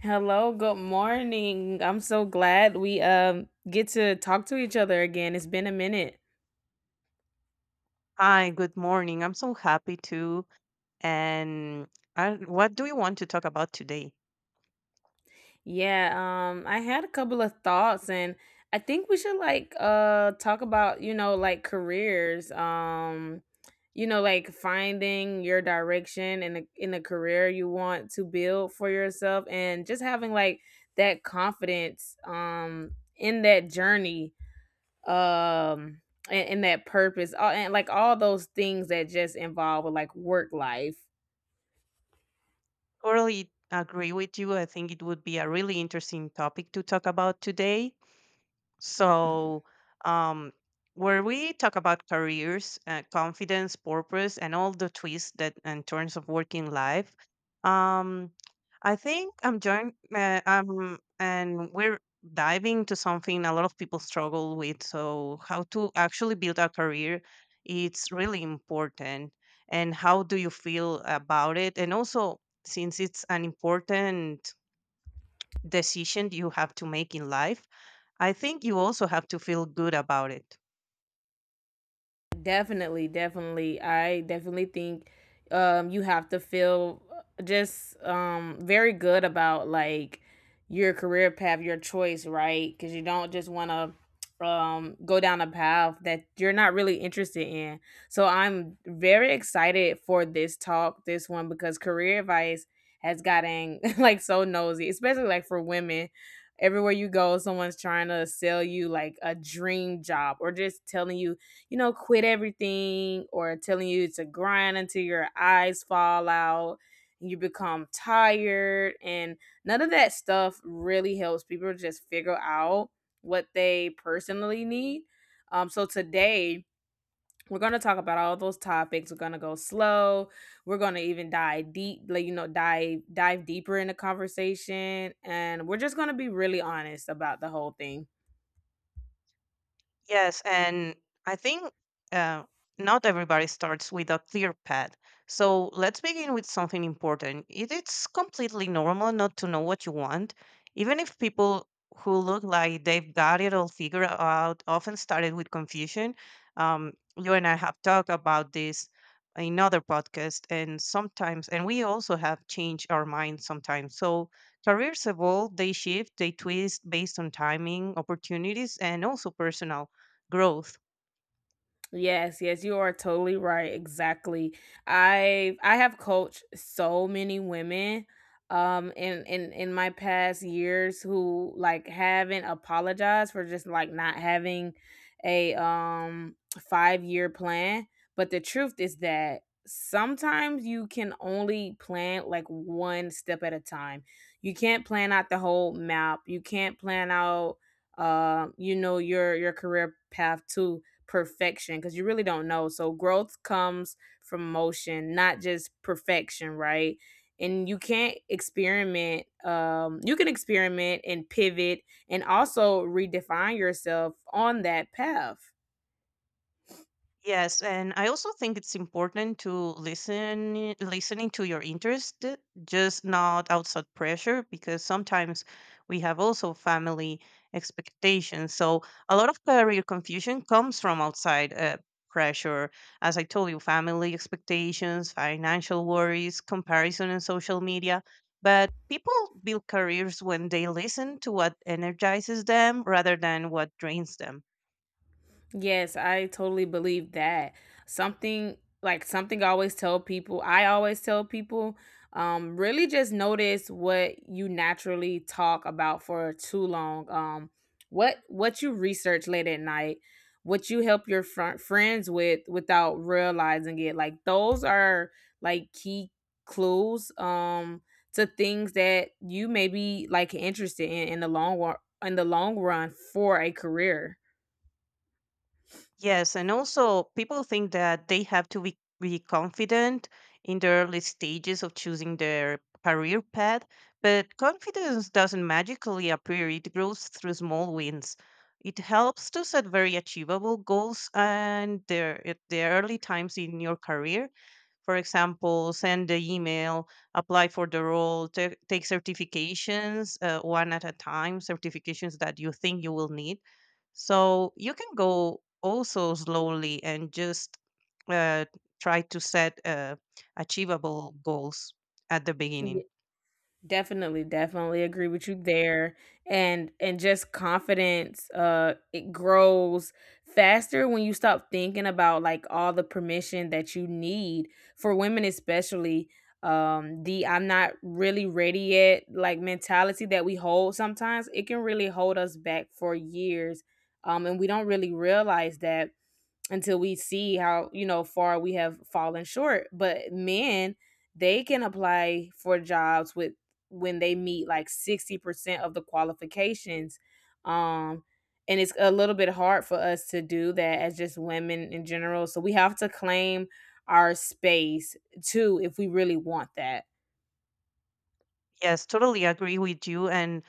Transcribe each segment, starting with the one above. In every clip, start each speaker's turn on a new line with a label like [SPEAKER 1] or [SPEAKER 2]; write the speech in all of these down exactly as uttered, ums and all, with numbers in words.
[SPEAKER 1] Hello, good morning. I'm so glad we um get to talk to each other again. It's been a minute.
[SPEAKER 2] Hi, good morning. I'm so happy too. And I, what do you want to talk about today?
[SPEAKER 1] Yeah, um I had a couple of thoughts, and I think we should like uh talk about, you know, like careers. Um you know, like finding your direction in the in the career you want to build for yourself, and just having like that confidence um in that journey, um and, and that purpose all, and like all those things that just involve with like work life.
[SPEAKER 2] Totally agree with you. I think it would be a really interesting topic to talk about today. So, um, where we talk about careers, uh, confidence, purpose, and all the twists that and turns of working life, um, I think I'm joined. Uh, um, and we're diving to something a lot of people struggle with. So, how to actually build a career? It's really important. And how do you feel about it? And also, since it's an important decision you have to make in life, I think you also have to feel good about it.
[SPEAKER 1] Definitely, definitely. I definitely think um you have to feel just um very good about like your career path, your choice, right? Cuz you don't just want to um go down a path that you're not really interested in. So I'm very excited for this talk, this one, because career advice has gotten like so nosy, especially like for women. Everywhere you go someone's trying to sell you like a dream job, or just telling you, you know, quit everything, or telling you to grind until your eyes fall out and you become tired. And none of that stuff really helps people just figure out what they personally need. Um, so today, we're going to talk about all those topics. We're going to go slow. We're going to even dive deep, like, you know, dive, dive deeper in the conversation. And we're just going to be really honest about the whole thing.
[SPEAKER 2] Yes, and I think uh, not everybody starts with a clear path. So let's begin with something important. It's completely normal not to know what you want, even if people who look like they've got it all figured out often started with confusion. Um, you and I have talked about this in other podcasts, and sometimes, and we also have changed our minds sometimes. So careers evolve, they shift, they twist based on timing, opportunities, and also personal growth.
[SPEAKER 1] Yes, yes, you are totally right. Exactly. I I have coached so many women um in in in my past years, who like haven't apologized for just like not having a um five-year plan, but the truth is that sometimes you can only plan like one step at a time. You can't plan out the whole map. You can't plan out um you know your your career path too perfection, because you really don't know. So growth comes from motion, not just perfection, right? And you can't experiment. Um, you can experiment and pivot and also redefine yourself on that path.
[SPEAKER 2] Yes, and I also think it's important to listen listening to your interest, just not outside pressure, because sometimes we have also family expectations. So a lot of career confusion comes from outside uh, pressure, as I told you: family expectations, financial worries, comparison, and social media. But people build careers when they listen to what energizes them rather than what drains them.
[SPEAKER 1] Yes, I totally believe that. Something like something I always tell people, I always tell people, um, really just notice what you naturally talk about for too long. Um, what what you research late at night, what you help your fr- friends with without realizing it. Like those are like key clues um to things that you may be like interested in in the long wa- in the long run for a career.
[SPEAKER 2] Yes, and also people think that they have to be, be confident in the early stages of choosing their career path, but confidence doesn't magically appear. It grows through small wins. It helps to set very achievable goals and their at the early times in your career. For example, send the email, apply for the role, ta- take certifications, uh, one at a time, certifications that you think you will need, so you can go also slowly and just uh, try to set uh, achievable goals at the beginning.
[SPEAKER 1] Definitely, definitely agree with you there. And and just confidence, uh it grows faster when you stop thinking about like all the permission that you need. For women especially, um the "I'm not really ready yet" like mentality that we hold sometimes, it can really hold us back for years. Um and we don't really realize that until we see how, you know, far we have fallen short. But men, they can apply for jobs with, when they meet like sixty percent of the qualifications, um and it's a little bit hard for us to do that as just women in general, so we have to claim our space too if we really want that.
[SPEAKER 2] Yes, totally agree with you. And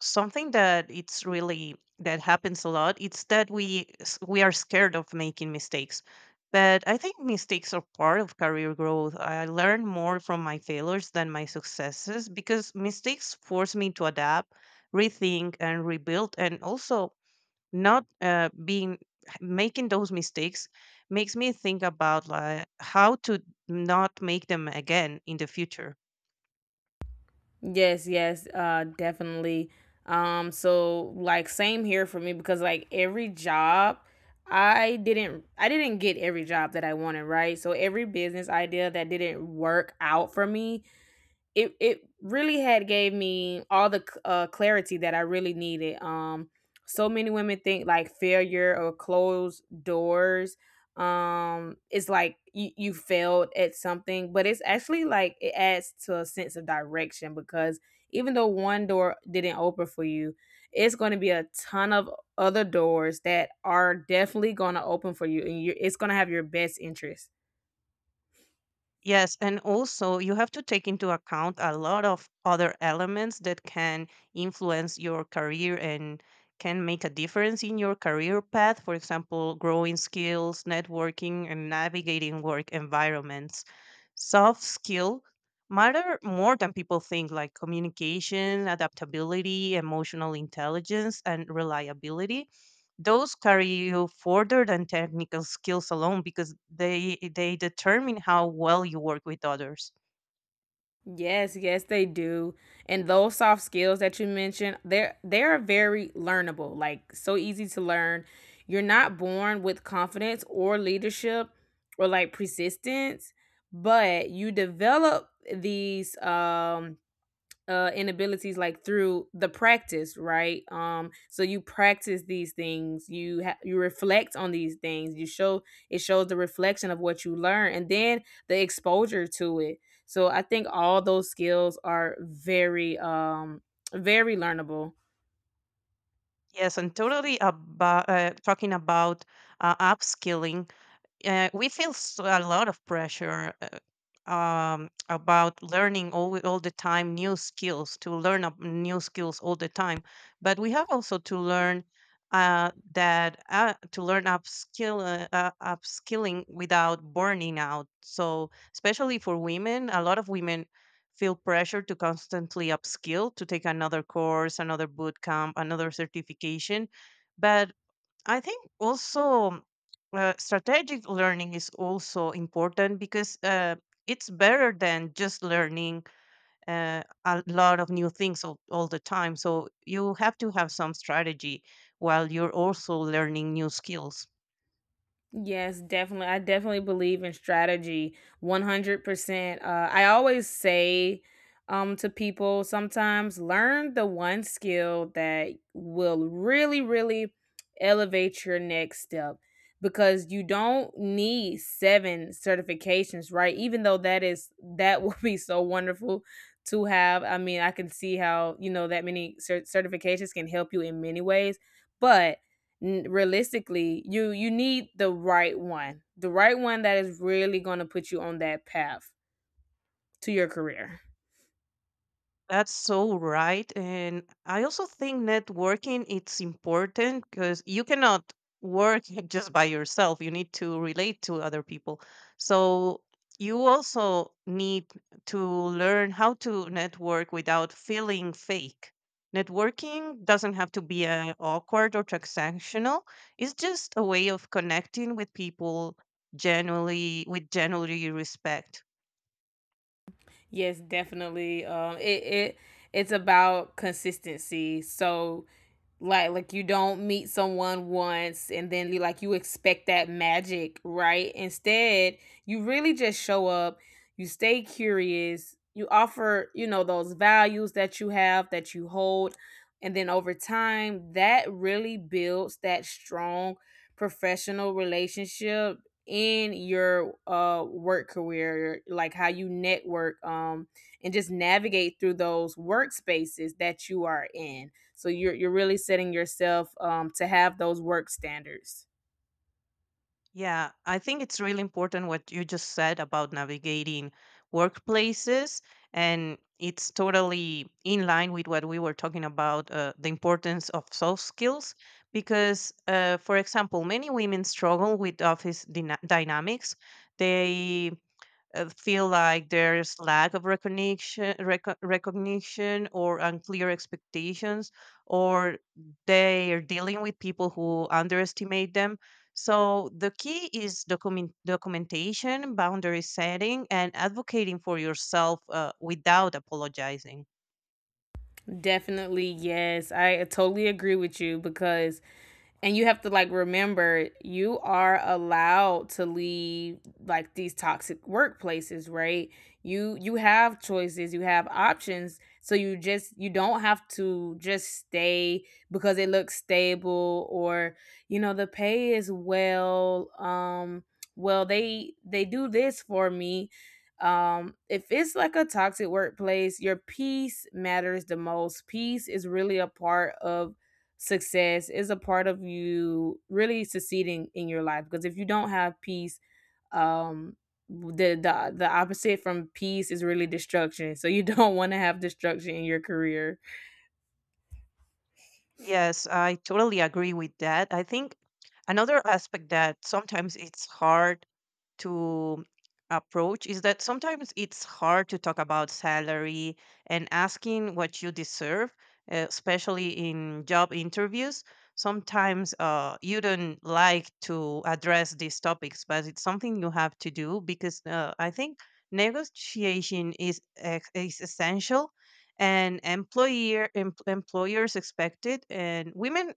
[SPEAKER 2] something that it's really that happens a lot, it's that we s- we are scared of making mistakes. But I think mistakes are part of career growth. I learn more from my failures than my successes because mistakes force me to adapt, rethink, and rebuild. And also, not uh, being making those mistakes makes me think about like how to not make them again in the future.
[SPEAKER 1] Yes, yes, uh, definitely. Um, so like same here for me, because like every job, I didn't I didn't get every job that I wanted, right? So every business idea that didn't work out for me, it it really had gave me all the uh, clarity that I really needed. Um, so many women think like failure or closed doors. Um, it's like you, you failed at something, but it's actually like it adds to a sense of direction, because even though one door didn't open for you, it's going to be a ton of other doors that are definitely going to open for you, and you, it's going to have your best interest.
[SPEAKER 2] Yes, and also you have to take into account a lot of other elements that can influence your career and can make a difference in your career path. For example, growing skills, networking, and navigating work environments. Soft skill matter more than people think, like communication, adaptability, emotional intelligence, and reliability. Those carry you further than technical skills alone because they they determine how well you work with others.
[SPEAKER 1] Yes, yes, they do. And those soft skills that you mentioned, they're they are very learnable, like so easy to learn. You're not born with confidence or leadership or like persistence, but you develop these um uh inabilities like through the practice, right? Um so you practice these things, you ha- you reflect on these things, you show, it shows the reflection of what you learn, and then the exposure to it. So I think all those skills are very um very learnable.
[SPEAKER 2] Yes, and totally about uh, talking about uh, upskilling, uh, we feel s a lot of pressure uh, um, about learning all, all the time new skills, to learn up new skills all the time. But we have also to learn uh, that uh, to learn upskill uh, uh, upskilling without burning out. So especially for women, a lot of women feel pressure to constantly upskill, to take another course, another boot camp, another certification. But I think also uh, strategic learning is also important because uh, it's better than just learning uh, a lot of new things all, all the time. So you have to have some strategy while you're also learning new skills.
[SPEAKER 1] Yes, definitely. I definitely believe in strategy one hundred percent. Uh, I always say, um, to people, sometimes learn the one skill that will really, really elevate your next step, because you don't need seven certifications, right? Even though that is, that would be so wonderful to have. I mean, I can see how, you know, that many cer- certifications can help you in many ways. But, n- realistically, you you need the right one, the right one that is really going to put you on that path to your career.
[SPEAKER 2] That's so right. And I also think networking it's important because you cannot work just by yourself. You need to relate to other people. So you also need to learn how to network without feeling fake. Networking doesn't have to be uh, awkward or transactional. It's just a way of connecting with people genuinely with genuinely respect.
[SPEAKER 1] Yes, definitely. Um it, it it's about consistency. So like like you don't meet someone once and then you like you expect that magic, right? Instead you really just show up, you stay curious, you offer, you know, those values that you have, that you hold, and then over time that really builds that strong professional relationship in your uh work career, like how you network, um and just navigate through those workspaces that you are in. So you're you're really setting yourself um, to have those work standards.
[SPEAKER 2] Yeah, I think it's really important what you just said about navigating workplaces. And it's totally in line with what we were talking about, uh, the importance of soft skills. Because, uh, for example, many women struggle with office dyna- dynamics. They uh, feel like there's lack of recognition reco- recognition or unclear expectations, or they are dealing with people who underestimate them. So the key is document- documentation, boundary setting, and advocating for yourself uh, without apologizing.
[SPEAKER 1] Definitely, yes. I totally agree with you, because, and you have to like remember, you are allowed to leave like these toxic workplaces, right? You you have choices, you have options, so you just, you don't have to just stay because it looks stable or you know the pay is well. Um, well they they do this for me, um, if it's like a toxic workplace, your peace matters the most. Peace is really a part of success, is a part of you really succeeding in your life, because if you don't have peace, um the the, the opposite from peace is really destruction, so you don't want to have destruction in your career.
[SPEAKER 2] Yes, I totally agree with that. I think another aspect that sometimes it's hard to approach is that sometimes it's hard to talk about salary and asking what you deserve, uh, especially in job interviews. Sometimes uh, you don't like to address these topics, but it's something you have to do because uh, I think negotiation is, ex- is essential, and employer em- employers expect it, and women,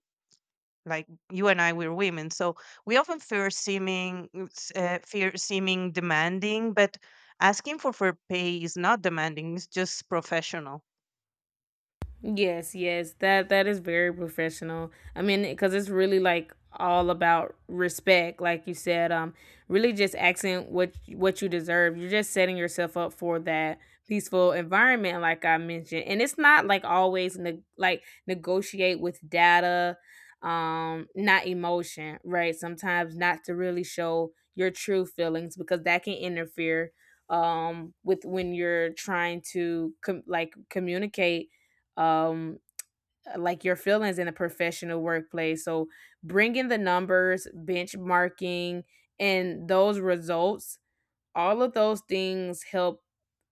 [SPEAKER 2] like you and I, we're women, so we often fear seeming s- uh, fear seeming demanding. But asking for fair pay is not demanding, it's just professional.
[SPEAKER 1] Yes, yes. That that is very professional. I mean, because it's really like all about respect, like you said. Um, really just accent what what you deserve. You're just setting yourself up for that peaceful environment, like I mentioned. And it's not like always ne- like negotiate with data, um, not emotion, right? Sometimes not to really show your true feelings, because that can interfere um with, when you're trying to com- like communicate um uh, like your feelings in a professional workplace. So bringing the numbers, benchmarking, and those results, all of those things help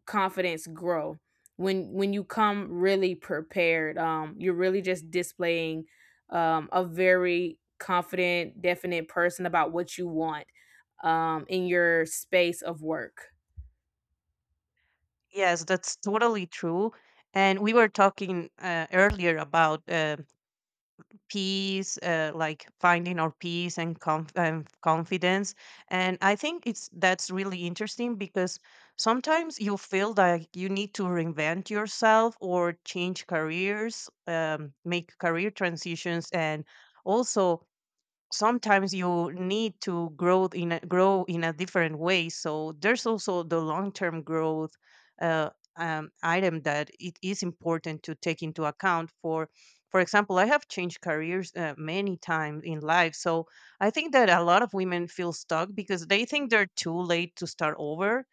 [SPEAKER 1] confidence grow. When when you come really prepared, um you're really just displaying um a very confident, definite person about what you want um in your space of work.
[SPEAKER 2] Yes, that's totally true. And we were talking uh, earlier about uh, peace, uh, like finding our peace and conf- um, confidence. And I think it's that's really interesting because sometimes you feel like you need to reinvent yourself or change careers, um, make career transitions, and also sometimes you need to grow in a, grow in a different way. So there's also the long term growth uh, um, item that it is important to take into account. for for example, I have changed careers uh, many times in life. So I think that a lot of women feel stuck because they think they're too late to start over.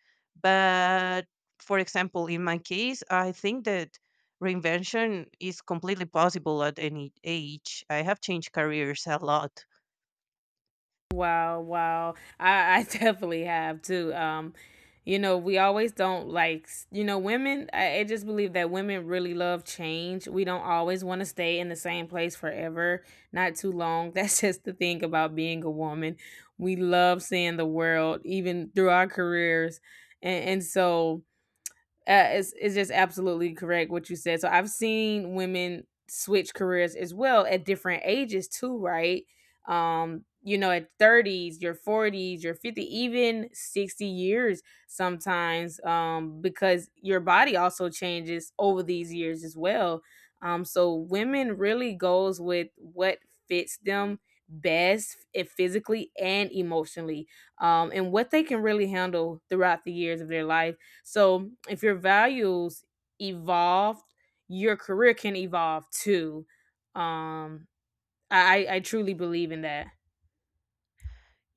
[SPEAKER 2] But for example, in my case, I think that reinvention is completely possible at any age. I have changed careers a lot.
[SPEAKER 1] Wow, wow. I, I definitely have too. Um, you know, we always don't like, s- you know, women, I, I just believe that women really love change. We don't always want to stay in the same place forever, not too long. That's just the thing about being a woman. We love seeing the world, even through our careers. And, and so, uh, is is just absolutely correct what you said. So I've seen women switch careers as well at different ages too, right? Um, you know, at thirties, your forties, your fifty, even sixty years sometimes, um, because your body also changes over these years as well. Um, so women really goes with what fits them best, if physically and emotionally, um, and what they can really handle throughout the years of their life. So if your values evolved, your career can evolve too. Um, I I I truly believe in that.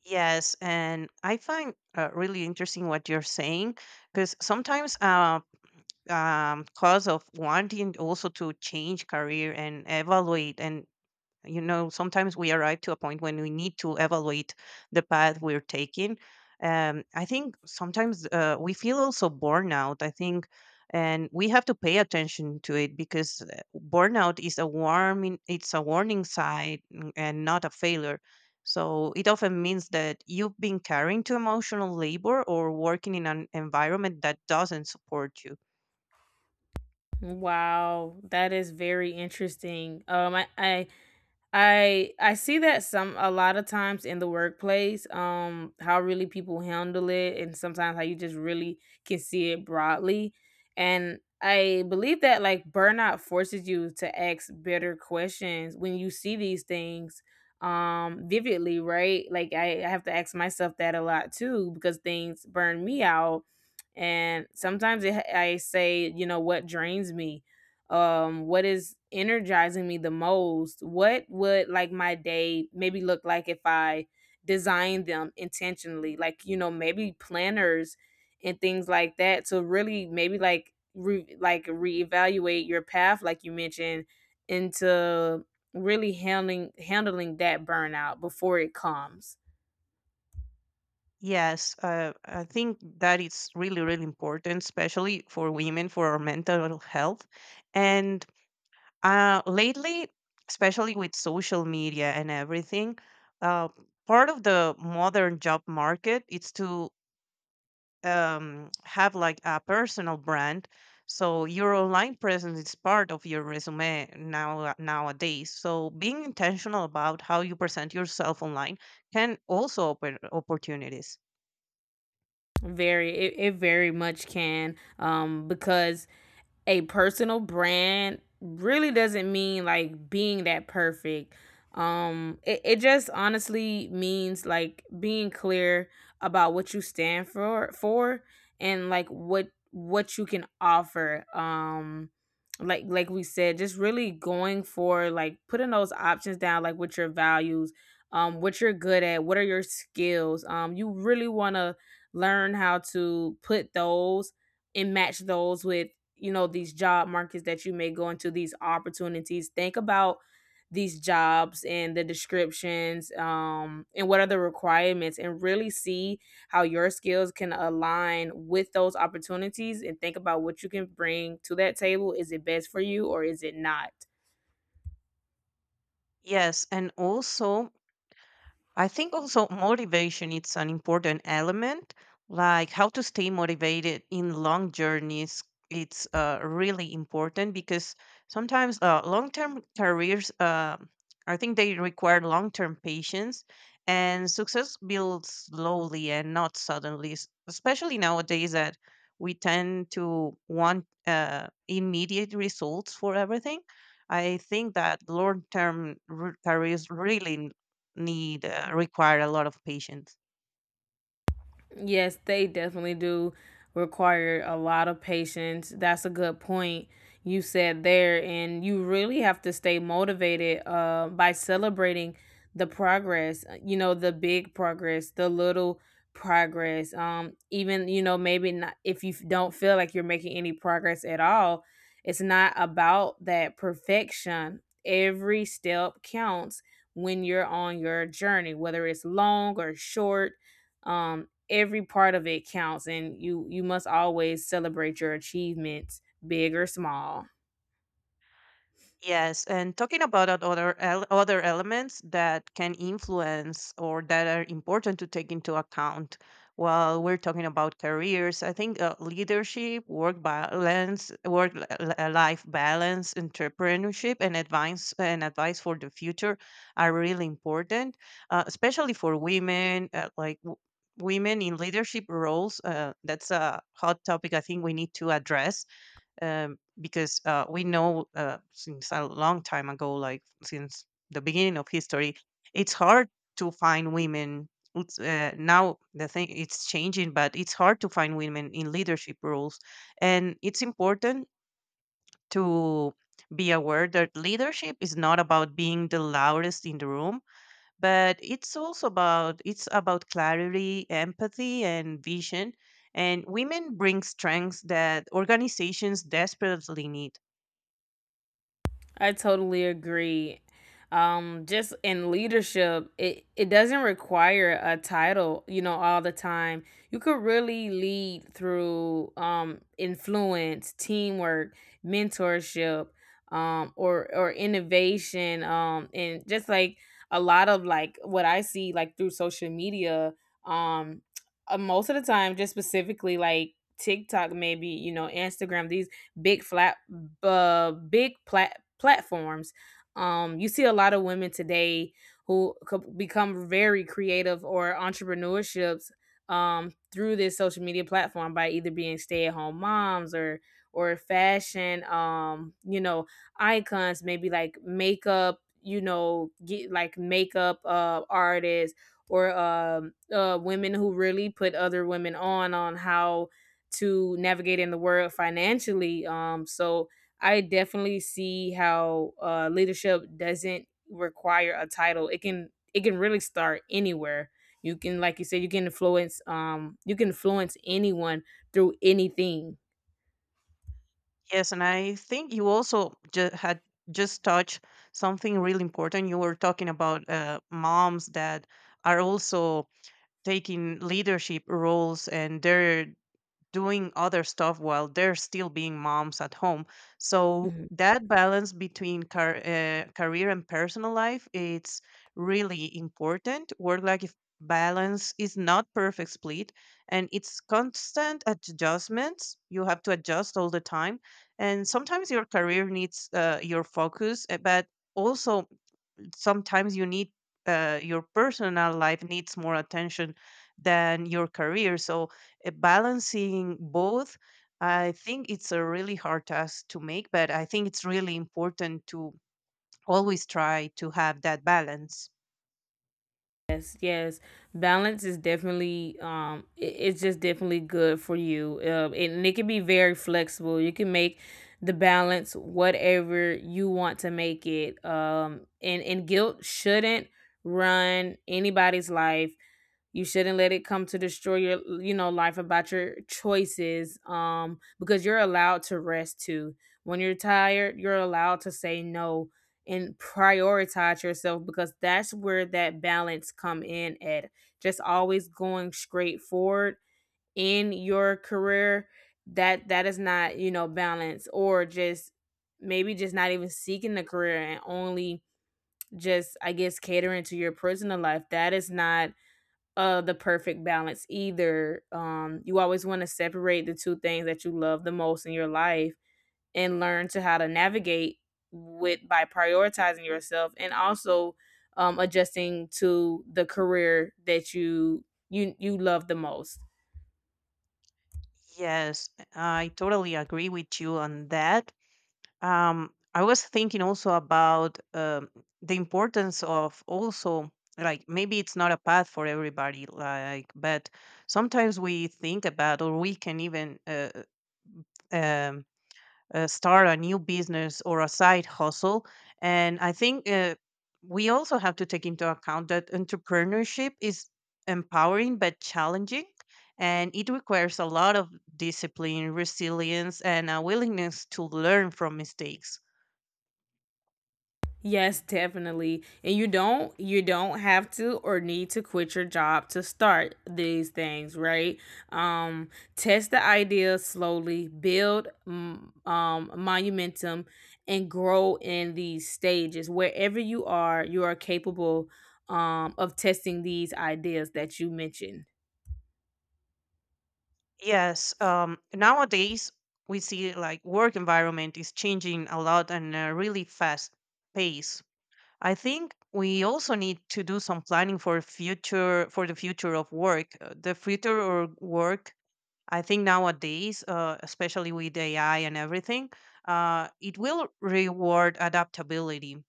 [SPEAKER 2] Yes, and I find uh, really interesting what you're saying because sometimes uh um cause of wanting also to change career and evaluate and, you know, sometimes we arrive to a point when we need to evaluate the path we're taking. Um, I think sometimes uh, we feel also burnout. I think, and we have to pay attention to it because uh, burnout is a warning. It's a warning sign n- and not a failure. So it often means that you've been carrying too emotional labor or working in an environment that doesn't support you.
[SPEAKER 1] Wow, that is very interesting. Um, I I I I see that some, a lot of times in the workplace, um, how really people handle it, and sometimes how you just really can see it broadly. And I believe that like burnout forces you to ask better questions when you see these things um vividly, right? Like I, I have to ask myself that a lot too, because things burn me out. And sometimes it, I say, you know, what drains me? Um, what is energizing me the most? What would like my day maybe look like if I designed them intentionally, like, you know, maybe planners and things like that to really maybe like re- like reevaluate your path, like you mentioned, into really handling handling that burnout before it comes.
[SPEAKER 2] Yes, uh, I think that it's really, really important, especially for women, for our mental health. And uh, lately, especially with social media and everything, uh, part of the modern job market is to um, have like a personal brand. So your online presence is part of your resume now nowadays. So being intentional about how you present yourself online can also open opportunities.
[SPEAKER 1] Very, it, it very much can, um, because a personal brand really doesn't mean like being that perfect. Um, it, it just honestly means like being clear about what you stand for for and like what what you can offer. Um, like like we said, just really going for like putting those options down, like with your values, um, what you're good at, what are your skills. Um, you really wanna learn how to put those and match those with you know these job markets that you may go into, these opportunities. Think about these jobs and the descriptions um, and what are the requirements, and really see how your skills can align with those opportunities and think about what you can bring to that table. Is it best for you or is it not?
[SPEAKER 2] Yes, and also I think also motivation it's an important element, like how to stay motivated in long journeys. It's uh, really important because sometimes uh, long-term careers, uh, I think they require long-term patience, and success builds slowly and not suddenly. s- Especially nowadays that we tend to want uh, immediate results for everything. I think that long-term r- careers really need uh, require a lot of patience.
[SPEAKER 1] Yes, they definitely do require a lot of patience. That's a good point you said there. And you really have to stay motivated uh, by celebrating the progress, uh, you know, the big progress, the little progress. Um, even, you know, maybe not if you f- don't feel like you're making any progress at all, it's not about that perfection. Every step counts when you're on your journey, whether it's long or short, um every part of it counts, and you you must always celebrate your achievements, big or small.
[SPEAKER 2] Yes, and talking about that other el- other elements that can influence or that are important to take into account while we're talking about careers, I think uh, leadership, work balance, work li- li- life balance, entrepreneurship, and advice and advice for the future are really important, uh, especially for women. Uh, like w- women in leadership roles, uh, that's a hot topic. I think we need to address um, because uh, we know uh, since a long time ago, like since the beginning of history, it's hard to find women. It's, uh, now the thing it's changing, but it's hard to find women in leadership roles, and it's important to be aware that leadership is not about being the loudest in the room, but it's also about it's about clarity, empathy, and vision. And women bring strengths that organizations desperately need.
[SPEAKER 1] I totally agree. Um, just in leadership, it, it doesn't require a title, you know, all the time. You could really lead through um, influence, teamwork, mentorship, um, or or innovation, um, and just like a lot of like what I see like through social media, um, uh, most of the time, just specifically like TikTok, maybe you know, Instagram. These big flat, uh, big plat- platforms. Um, you see a lot of women today who co- become very creative or entrepreneurships um, through this social media platform by either being stay-at-home moms or or fashion, um, you know, icons, maybe like makeup, you know, get like makeup uh, artists or um uh, women who really put other women on on how to navigate in the world financially. Um, so I definitely see how uh, leadership doesn't require a title. It can it can really start anywhere. You can, like you said, you can influence um you can influence anyone through anything.
[SPEAKER 2] Yes, and I think you also ju- had just touched something really important. You were talking about uh, moms that are also taking leadership roles, and they're doing other stuff while they're still being moms at home. So
[SPEAKER 1] Mhm.
[SPEAKER 2] that balance between car- uh, career and personal life, it's really important. Work life balance is not perfect split, and it's constant adjustments. You have to adjust all the time, and sometimes your career needs uh, your focus, uh, but also sometimes you need uh, your personal life needs more attention than your career. So uh, balancing both, I think it's a really hard task to make, but I think it's really important to always try to have that balance.
[SPEAKER 1] Yes, yes. Balance is definitely um i- it's just definitely good for you. Um and it can be very flexible. You can make the balance whatever you want to make it. Um and and guilt shouldn't run anybody's life. You shouldn't let it come to destroy your, you know, life about your choices, um, because you're allowed to rest too. When you're tired, you're allowed to say no and prioritize yourself, because that's where that balance come in at. Just always going straight forward in your career, that that is not, you know, balance. Or just maybe just not even seeking the career and only just, I guess, catering to your personal life, that is not uh the perfect balance either. Um you always want to separate the two things that you love the most in your life and learn to how to navigate with by prioritizing yourself, and also um adjusting to the career that you you you love the most.
[SPEAKER 2] Yes, I totally agree with you on that. um, I was thinking also about um, the importance of also, like, maybe it's not a path for everybody, like, but sometimes we think about or we can even uh, uh, um, uh, start a new business or a side hustle. And I think uh, we also have to take into account that entrepreneurship is empowering but challenging. And it requires a lot of discipline, resilience, and a willingness to learn from mistakes.
[SPEAKER 1] Yes, definitely. And you don't you don't have to or need to quit your job to start these things, right? Um, test the idea slowly, build mm, um momentum and grow in these stages. Wherever you are, you are capable um of testing these ideas that you mentioned.
[SPEAKER 2] Yes. Um, nowadays, we see like work environment is changing a lot and a really fast pace. I think we also need to do some planning for future for the future of work. Uh, The future of work, I think nowadays, uh, especially with A I and everything, uh, it will reward adaptability.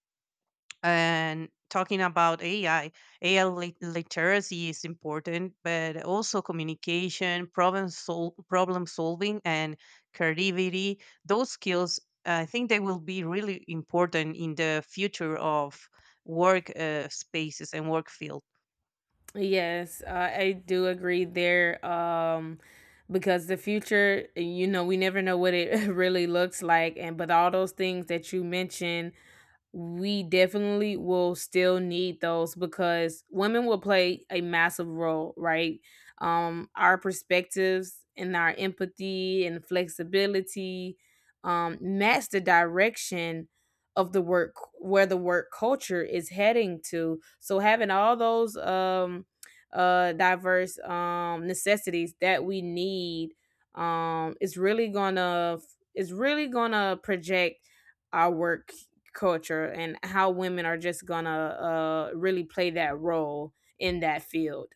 [SPEAKER 2] And talking about A I, A I lit- literacy is important, but also communication, problem sol- problem solving, and creativity. Those skills, I think, they will be really important in the future of work uh, spaces and work field.
[SPEAKER 1] Yes, I I do agree there. Um, because the future, you know, we never know what it really looks like. And but all those things that you mentioned, we definitely will still need those, because women will play a massive role, right? Um, our perspectives and our empathy and flexibility um, match the direction of the work, where the work culture is heading to. So having all those um, uh, diverse um, necessities that we need um, is really gonna is really gonna project our work culture and how women are just gonna uh really play that role in that field.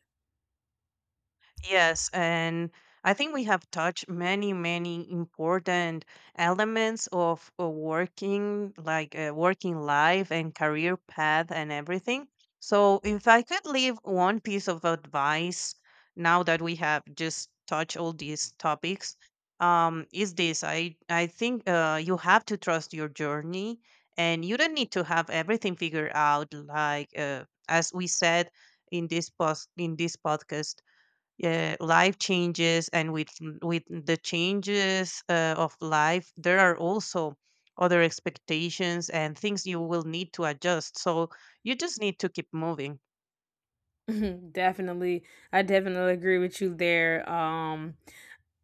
[SPEAKER 2] Yes, and I think we have touched many, many important elements of uh, working, like uh, working life and career path and everything. So, if I could leave one piece of advice now that we have just touched all these topics, um, is this: I I think uh, you have to trust your journey, and you don't need to have everything figured out. Like, uh, as we said in this post in this podcast, yeah, life changes, and with with the changes uh, of life, there are also other expectations and things you will need to adjust. So you just need to keep moving.
[SPEAKER 1] Definitely, I definitely agree with you there. Um,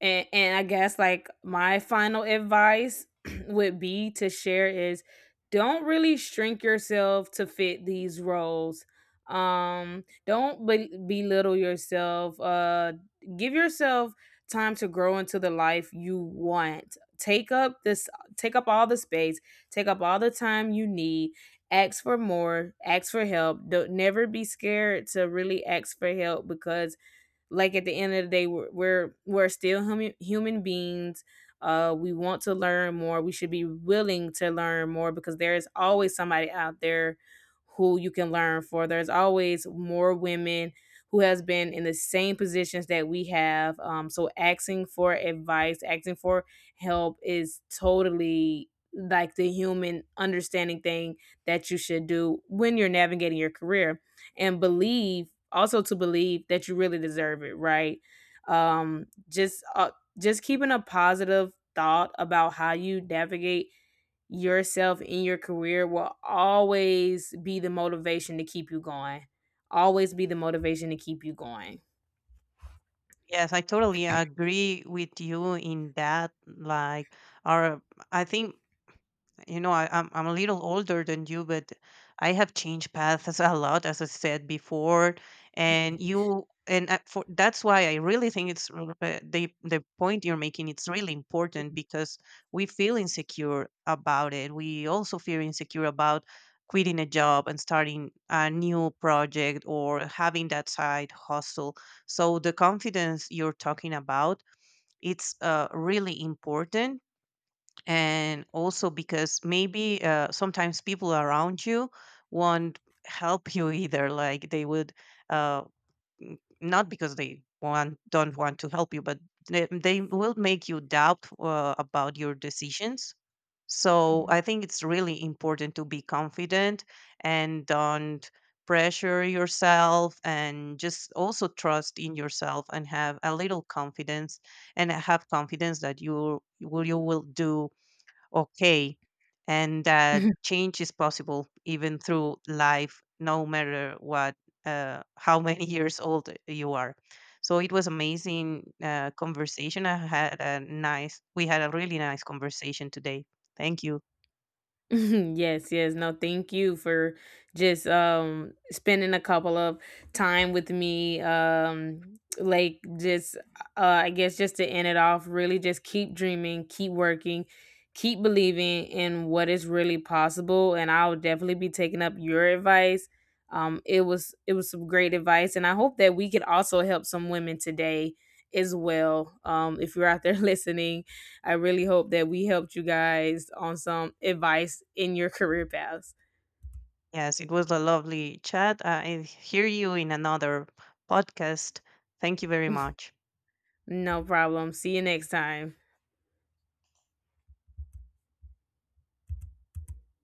[SPEAKER 1] And and I guess like my final advice would be to share is: don't really shrink yourself to fit these roles. Um, don't be- belittle yourself. Uh, give yourself time to grow into the life you want. Take up this take up all the space, take up all the time you need. Ask for more, ask for help. Don't never be scared to really ask for help, because like at the end of the day we're we're, we're still human human beings. Uh, we want to learn more, we should be willing to learn more, because there is always somebody out there who you can learn for. There's always more women who has been in the same positions that we have, um, so asking for advice, asking for help is totally like the human understanding thing that you should do when you're navigating your career. And believe, also to believe that you really deserve it, right? Um, just uh, just keeping a positive thought about how you navigate yourself in your career will always be the motivation to keep you going, always be the motivation to keep you going
[SPEAKER 2] Yes, I totally agree with you in that. Like, our, I think, you know, I, I'm I'm a little older than you, but I have changed paths a lot, as I said before. And you and uh, for that's why I really think it's r- uh, the the point you're making. It's really important because we feel insecure about it. We also feel insecure about quitting a job and starting a new project or having that side hustle. So the confidence you're talking about, it's uh, really important. And also because maybe uh, sometimes people around you won't help you either, like they would uh, n- not because they want don't want to help you, but they, they will make you doubt uh, about your decisions. So I think it's really important to be confident and don't pressure yourself, and just also trust in yourself and have a little confidence, and have confidence that you will you will do okay, and that change is possible even through life no matter what, uh, how many years old you are. So it was amazing uh, conversation. I had a nice We had a really nice conversation today, thank you.
[SPEAKER 1] Yes, yes. No, thank you for just um spending a couple of time with me. Um like just uh I guess, just to end it off, really just keep dreaming, keep working, keep believing in what is really possible, and I'll definitely be taking up your advice. Um it was it was some great advice, and I hope that we could also help some women today as well. Um, if you're out there listening, I really hope that we helped you guys on some advice in your career paths.
[SPEAKER 2] Yes, it was a lovely chat. I hear you in another podcast. Thank you very much.
[SPEAKER 1] No problem. See you next time.